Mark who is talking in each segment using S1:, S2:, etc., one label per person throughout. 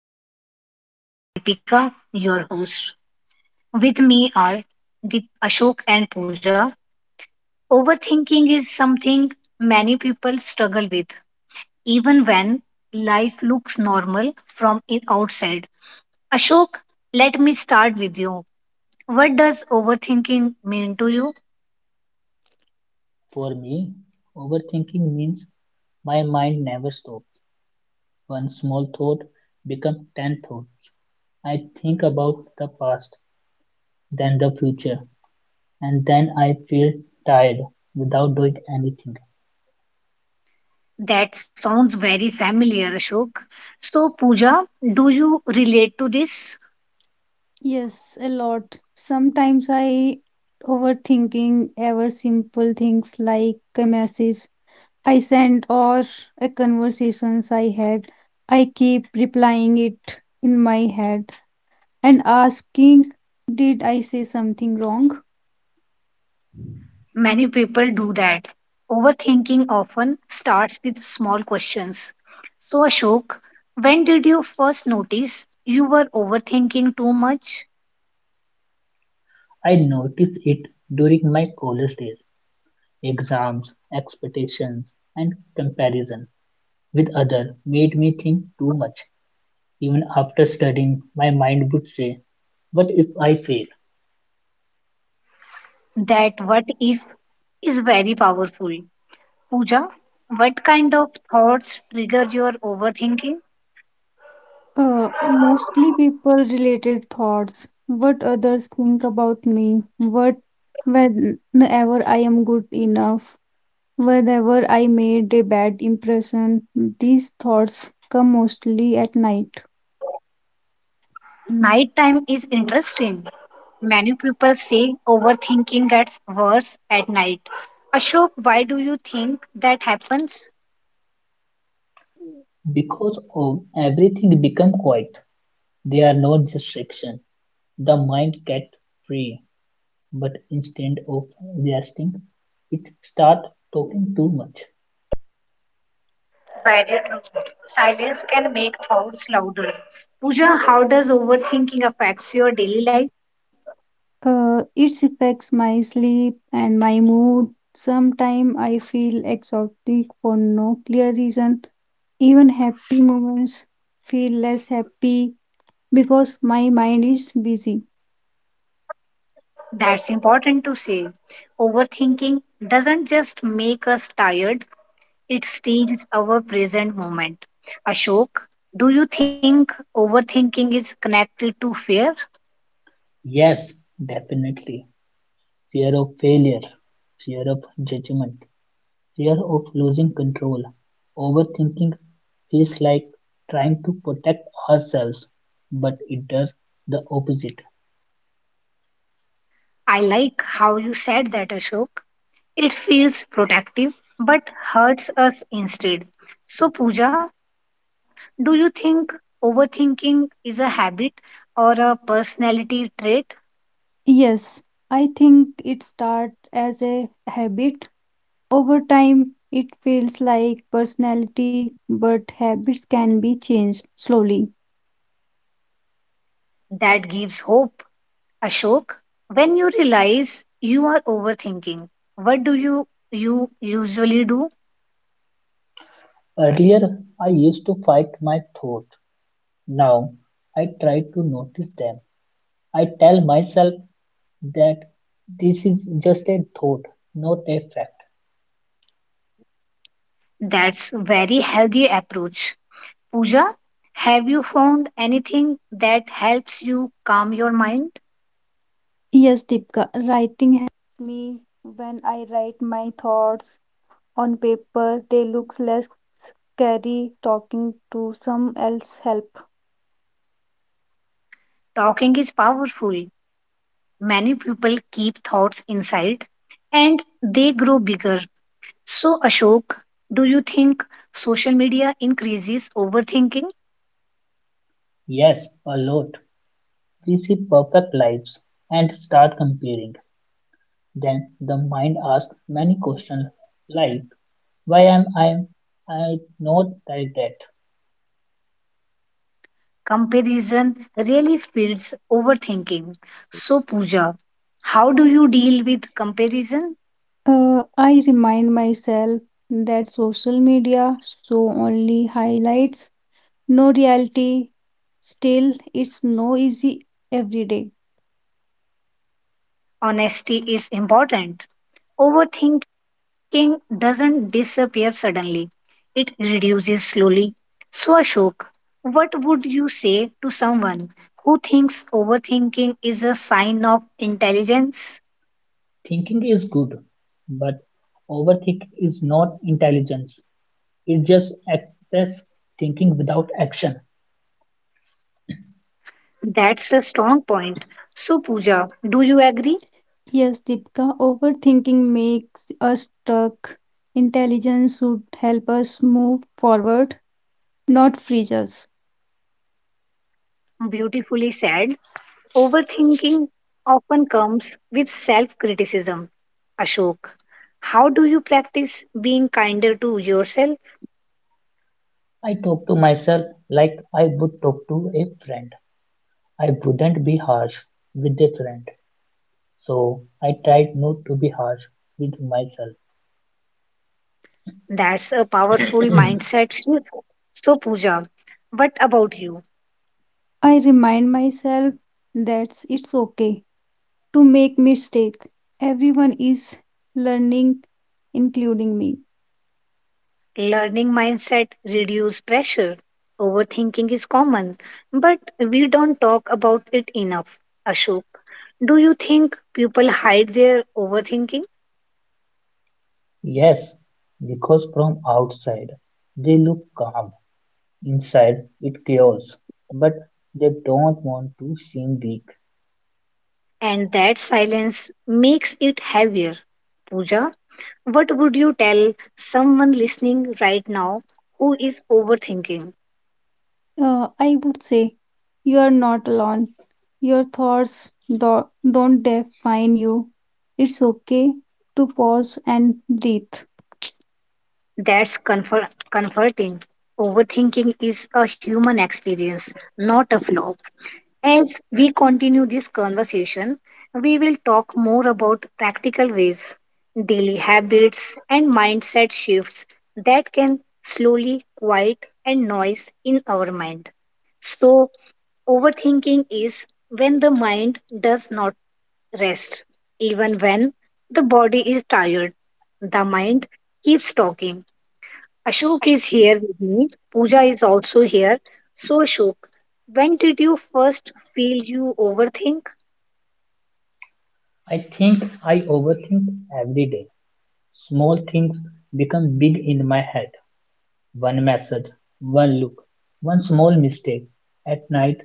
S1: overthinking. I am Deepika, your host. With me are Deep Ashok and Pooja. Overthinking is something many people struggle with even when life looks normal from in outside. Ashok, let me start with you. What does overthinking mean to you?
S2: For me, overthinking means my mind never stops. One small thought becomes 10 thoughts. I think about the past, then the future, and then I feel tired without doing anything.
S1: That sounds very familiar, Ashok. So, Pooja, do you relate to this?
S3: Yes, a lot. Sometimes I overthinking ever simple things like a message I sent or a conversations I had. I keep replying it in my head and asking, did I say something wrong?
S1: Many people do that. Overthinking often starts with small questions. So, Ashok, when did you first notice you were overthinking too much?
S2: I notice it during my college days. Exams, expectations, and comparison with others made me think too much. Even after studying, my mind would say, what if I fail?
S1: That what if is very powerful. Pooja, what kind of thoughts trigger your overthinking?
S3: Mostly people related thoughts, what others think about me, what whenever I am good enough. Whenever I made a bad impression, these thoughts come mostly at night.
S1: Nighttime is interesting. Many people say overthinking gets worse at night. Ashok, why do you think that happens?
S2: Because of everything become quiet. There are no distractions. The mind gets free, but instead of resting, it starts talking too much.
S1: Very true. Silence can make thoughts louder. Pooja, how does overthinking affects your daily life?
S3: It affects my sleep and my mood. Sometimes I feel exhausted for no clear reason. Even happy moments feel less happy because my mind is busy.
S1: That's important to say. Overthinking doesn't just make us tired, it steals our present moment. Ashok, do you think overthinking is connected to fear?
S2: Yes, definitely. Fear of failure, fear of judgment, fear of losing control. Overthinking feels like trying to protect ourselves, but it does the opposite.
S1: I like how you said that, Ashok. It feels protective but hurts us instead. So, Pooja, do you think overthinking is a habit or a personality trait
S3: Yes, I think it starts as a habit. Over time, it feels like personality, but habits can be changed slowly.
S1: that gives hope? Ashok, when you realize you are overthinking, what do you usually do?
S2: Earlier, I used to fight my thoughts. Now, I try to notice them. I tell myself that this is just a thought, not a fact.
S1: That's very healthy approach. Pooja, have you found anything that helps you calm your mind?
S3: Yes, Deepika.
S1: Talking is powerful. Many people keep thoughts inside and they grow bigger. So, Ashok, do you think social media increases overthinking?
S2: Yes, a lot. We see perfect lives and start comparing. Then the mind asks many questions like why am I not like that?
S1: Comparison really feeds overthinking. So, Pooja, how do you deal with comparison?
S3: I remind myself that social media show only highlights, no reality. Still, it's no easy every day.
S1: Honesty is important. Overthinking doesn't disappear suddenly, it reduces slowly. So, Ashok, what would you say to someone who thinks overthinking is a sign of intelligence?
S2: Thinking is good, but overthinking is not intelligence. It just excess thinking without action.
S1: That's a strong point. So, Pooja, do you agree?
S3: Yes, Deepika, overthinking makes us stuck. Intelligence should help us move forward, not freeze us.
S1: Beautifully said. Overthinking often comes with self criticism. Ashok, how do you practice being kinder to yourself?
S2: I talk to myself like I would talk to a friend. I wouldn't be harsh with a friend. So I tried not to be harsh with myself.
S1: That's a powerful mindset shift. So, Pooja, what about you?
S3: I remind myself that it's okay to make mistake. Everyone is learning, including me.
S1: Learning mindset reduce pressure. Overthinking is common, but we don't talk about it enough. Ashok, do you think people hide their overthinking
S2: Yes, because from outside they look calm, inside it chaos, but they don't want to seem weak.
S1: and that silence makes it heavier? Pooja, what would you tell someone listening right now who is overthinking?
S3: I would say you are not alone. Your thoughts do- don't define you. It's okay to pause and breathe.
S1: Comforting. Overthinking is a human experience, not a flaw. As we continue this conversation, we will talk more about practical ways, daily habits, and mindset shifts that can slowly quiet and noise in our mind. So, overthinking is when the mind does not rest, even when the body is tired. The mind keeps talking. Ashok is here with me. Pooja is also here. So, Ashok, when did you first feel you overthink?
S2: I think I overthink every day. Small things become big in my head. One message, one look, one small mistake. At night,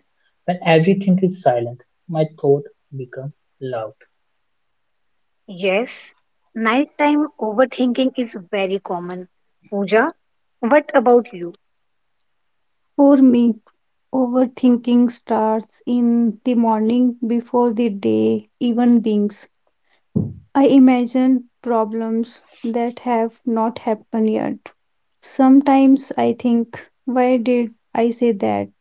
S2: when everything is silent, my thought become loud.
S1: Yes, nighttime overthinking is very common. Pooja, what about you?
S3: For me, overthinking starts in the morning before the day even begins. I imagine problems that have not happened yet. Sometimes I think, why did I say that?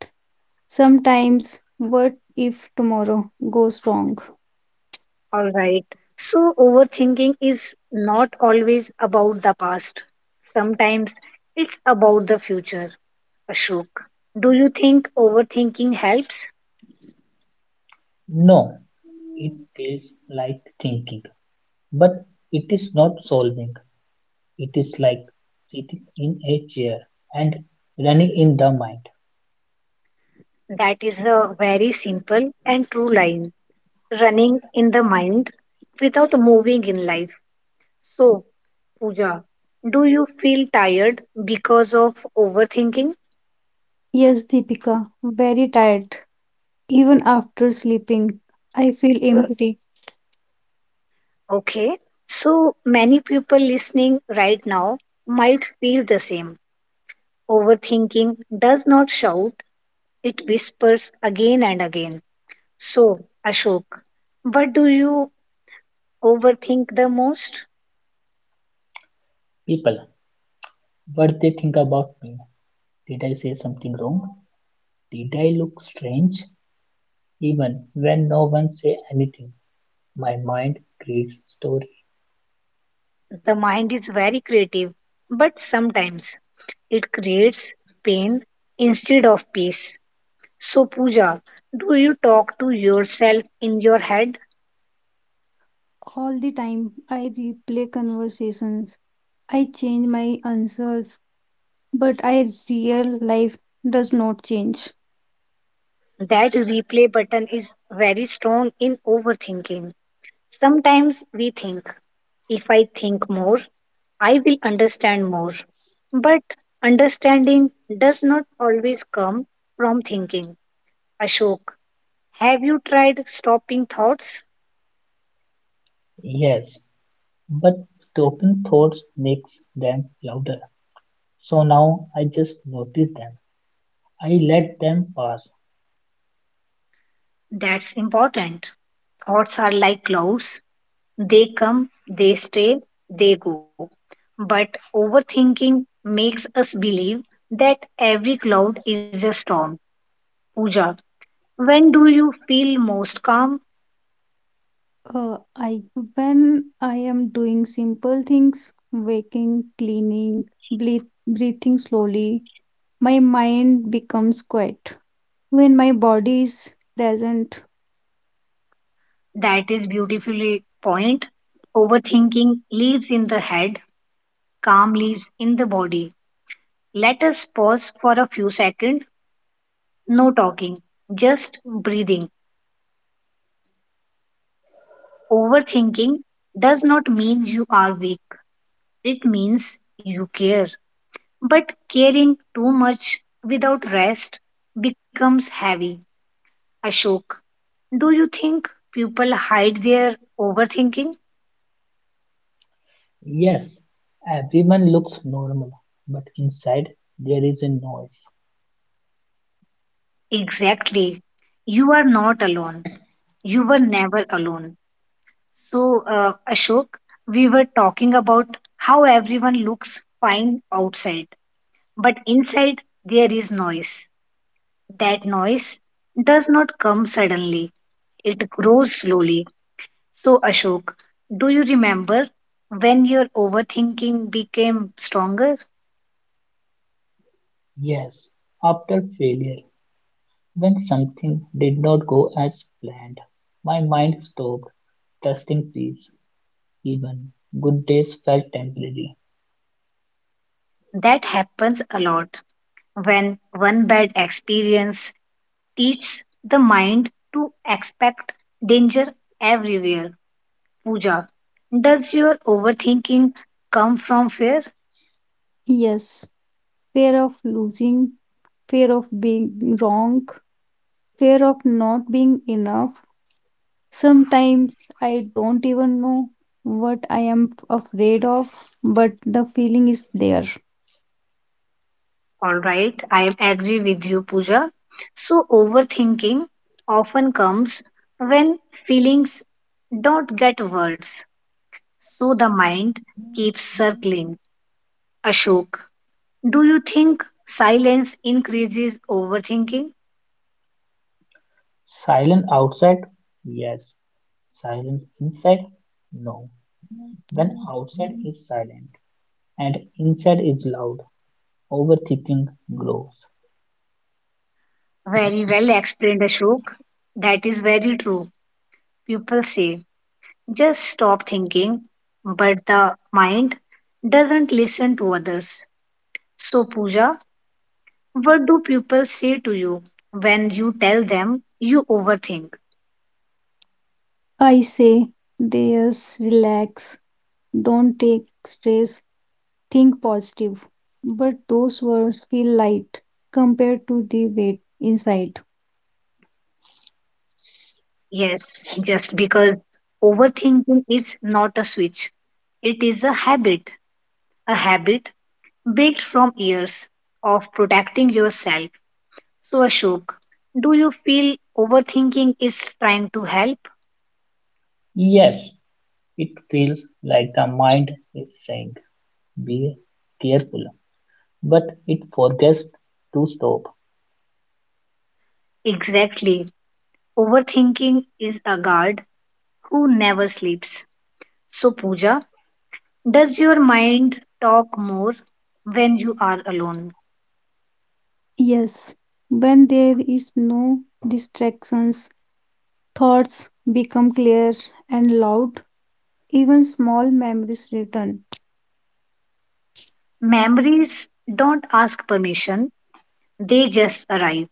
S3: Sometimes, what if tomorrow goes wrong?
S1: All right. So, overthinking is not always about the past, sometimes it's about the future. Ashok, do you think overthinking helps?
S2: No, it feels like thinking. But it is not solving, it is like sitting in a chair and running in the mind.
S1: That is a very simple and true line. Running in the mind without moving in life. So, Pooja, do you feel tired because of overthinking?
S3: Yes, Deepika, very tired. Even after sleeping, I feel empty.
S1: Okay, so many people listening right now might feel the same. Overthinking does not shout, it whispers again and again. So, Ashok, what do you overthink the most?
S2: People, what they think about me. Did I say something wrong? Did I look strange? Even when no one say anything, my mind creates story.
S1: The mind is very creative, but sometimes it creates pain instead of peace. So, Pooja, do you talk to yourself in your head?
S3: All the time, I replay conversations. I change my answers but I real life does not change.
S1: That replay button is very strong in overthinking. Sometimes we think, if I think more, I will understand more. But understanding does not always come from thinking. Ashok, have you tried stopping thoughts?
S2: Yes, but stopping thoughts makes them louder. So now I just notice them. I let them pass.
S1: That's important. Thoughts are like clouds. They come, they stay, they go. But overthinking makes us believe that every cloud is a storm. Pooja, when do you feel most calm?
S3: I When I am doing simple things, waking, cleaning, breathing slowly, my mind becomes quiet. When my body is present,
S1: That is beautifully point. Overthinking lives in the head, calm lives in the body. Let us pause for a few seconds. No talking, just breathing. Overthinking does not mean you are weak, it means you care. But caring too much without rest becomes heavy. Ashok, do you think people hide their overthinking?
S2: Yes, everyone looks normal, but inside there is a noise.
S1: Exactly. You are not alone. You were never alone. So, Ashok, we were talking about how everyone looks fine outside, but inside there is noise. That noise does not come suddenly, it grows slowly. So, Ashok, do you remember when your overthinking became stronger?
S2: Yes, after failure, when something did not go as planned, my mind stopped trusting peace. Even good days felt temporary.
S1: That happens a lot when one bad experience teaches the mind to expect danger everywhere. Pooja, does your overthinking come from fear?
S3: yes, fear of losing, fear of being wrong, fear of not being enough. Sometimes I don't even know what I am afraid of, but the feeling is there.
S1: All right, I agree with you, Pooja. So, overthinking often comes when feelings don't get words. So, the mind keeps circling. Ashok, do you think silence increases overthinking?
S2: Silent outside? Yes. Silence inside? No. When outside is silent and inside is loud, overthinking grows.
S1: Very well explained, Ashok. That is very true. People say, just stop thinking, but the mind doesn't listen to others. So, Pooja, what do people say to you when you tell them you overthink?
S3: I say, there's relax, don't take stress, think positive. But those words feel light compared to the weight inside.
S1: Yes, just because overthinking is not a switch, it is a habit built from years of protecting yourself. So, Ashok, do you feel overthinking is trying to help?
S2: Yes, it feels like the mind is saying be careful, but it forgets to stop
S1: Exactly. Overthinking is a guard who never sleeps. So, Pooja, does your mind talk more when you are alone?
S3: Yes, when there is no distractions, thoughts become clear and loud, even small memories return.
S1: Memories don't ask permission, they just arrive.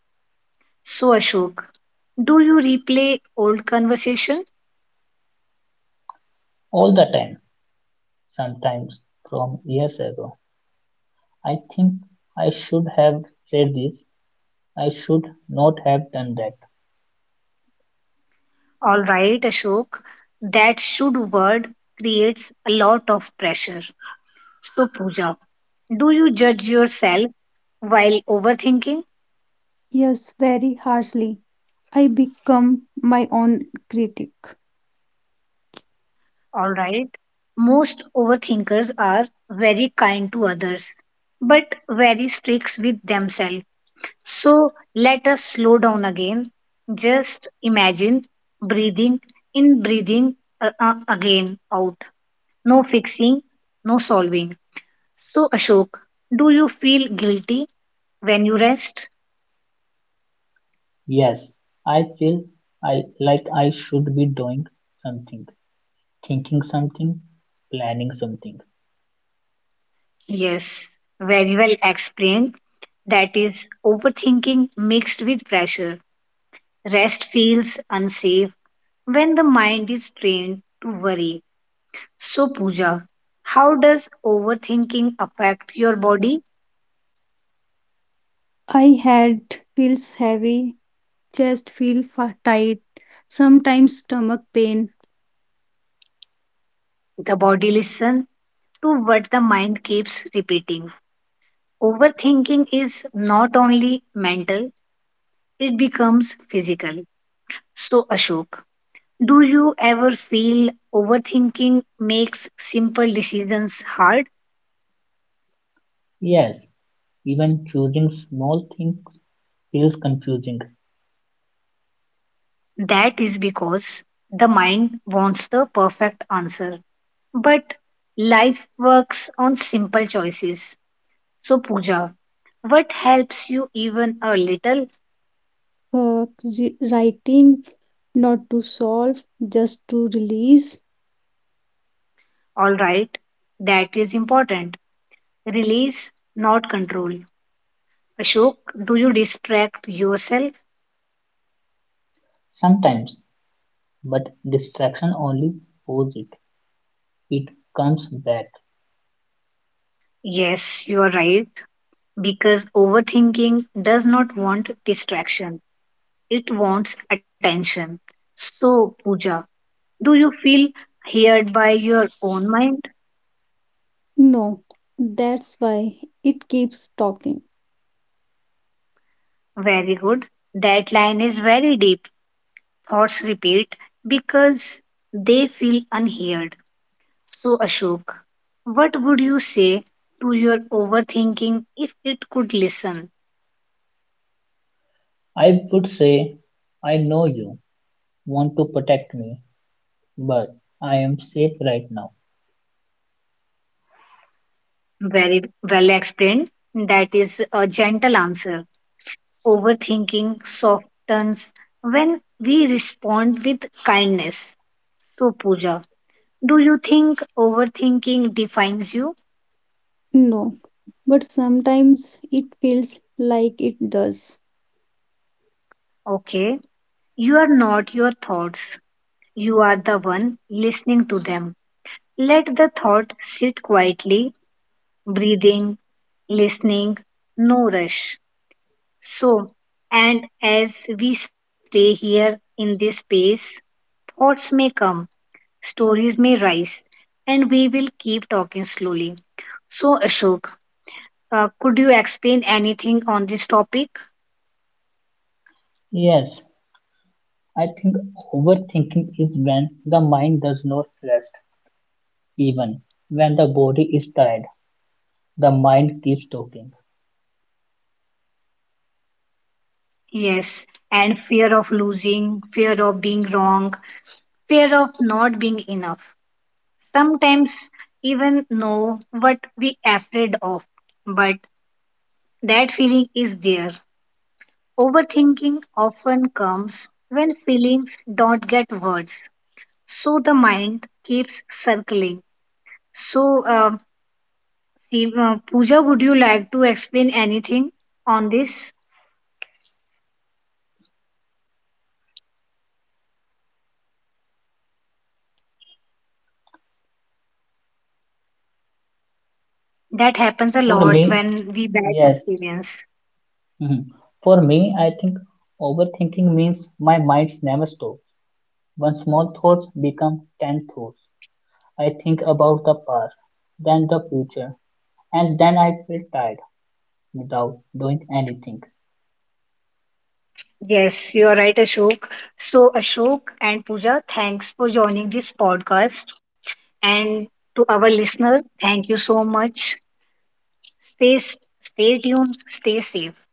S1: So, Ashok, do you replay old conversations?
S2: all the time, sometimes from years ago. I think I should have said this, I should not have done that.
S1: All right, Ashok, that should word creates a lot of pressure. So, Pooja, do you judge yourself while overthinking?
S3: Yes, very harshly. I become my own critic.
S1: All right. Most overthinkers are very kind to others, but very strict with themselves. So let us slow down again. Just imagine breathing in, breathing again out. No fixing, no solving. So, Ashok, do you feel guilty when you rest?
S2: Yes, I feel I like I should be doing something, thinking something, planning something.
S1: Yes, very well explained. That is overthinking mixed with pressure. Rest feels unsafe when the mind is trained to worry. So, Pooja, how does overthinking affect your body?
S3: I had feels heavy chest feel tight, sometimes stomach pain,
S1: The body listens to what the mind keeps repeating. Overthinking is not only mental, it becomes physical. So, Ashok, do you ever feel overthinking makes simple decisions hard?
S2: Yes, even choosing small things feels confusing
S1: That is because the mind wants the perfect answer. But life works on simple choices. So, Pooja, what helps you even a little?
S3: for writing not to solve, just to release.
S1: All right, that is important. Release, not control. Ashok, do you distract yourself?
S2: sometimes, but distraction only pulls it. It comes back
S1: Yes, you are right. Because overthinking does not want distraction, it wants attention. So, Pooja, do you feel heard by your own mind?
S3: No, that's why it keeps talking.
S1: Very good. That line is very deep. Thoughts repeat because they feel unheard. So, Ashok, what would you say to your overthinking if it could listen?
S2: I would say, I know you want to protect me, but I am safe right now.
S1: Very well explained. That is a gentle answer. Overthinking softens when we respond with kindness. So, Pooja, do you think overthinking defines you?
S3: No, but sometimes it feels like it does.
S1: Okay, you are not your thoughts, you are the one listening to them. Let the thought sit quietly, breathing, listening, no rush. So, and as we stay here in this space, thoughts may come stories may rise, and we will keep talking slowly. So, Ashok, could you explain anything on this topic?
S2: Yes, I think overthinking is when the mind does not rest. Even when the body is tired, the mind keeps talking.
S1: Yes, and fear of losing, fear of being wrong, fear of not being enough. Sometimes even know what we afraid of, but that feeling is there. Overthinking often comes when feelings don't get words, so the mind keeps circling. So, Pooja, would you like to explain anything on this? That happens a
S2: For
S1: lot
S2: me,
S1: when we bad
S2: yes.
S1: experience.
S2: Mhm. For me, I think overthinking means my mind never stops. One small thoughts become 10 thoughts. I think about the past, then the future, and then I feel tired, without doing anything.
S1: Yes, you are right, Ashok. So, Ashok and Pooja, thanks for joining this podcast. And to our listener, thank you so much. Stay tuned, stay safe.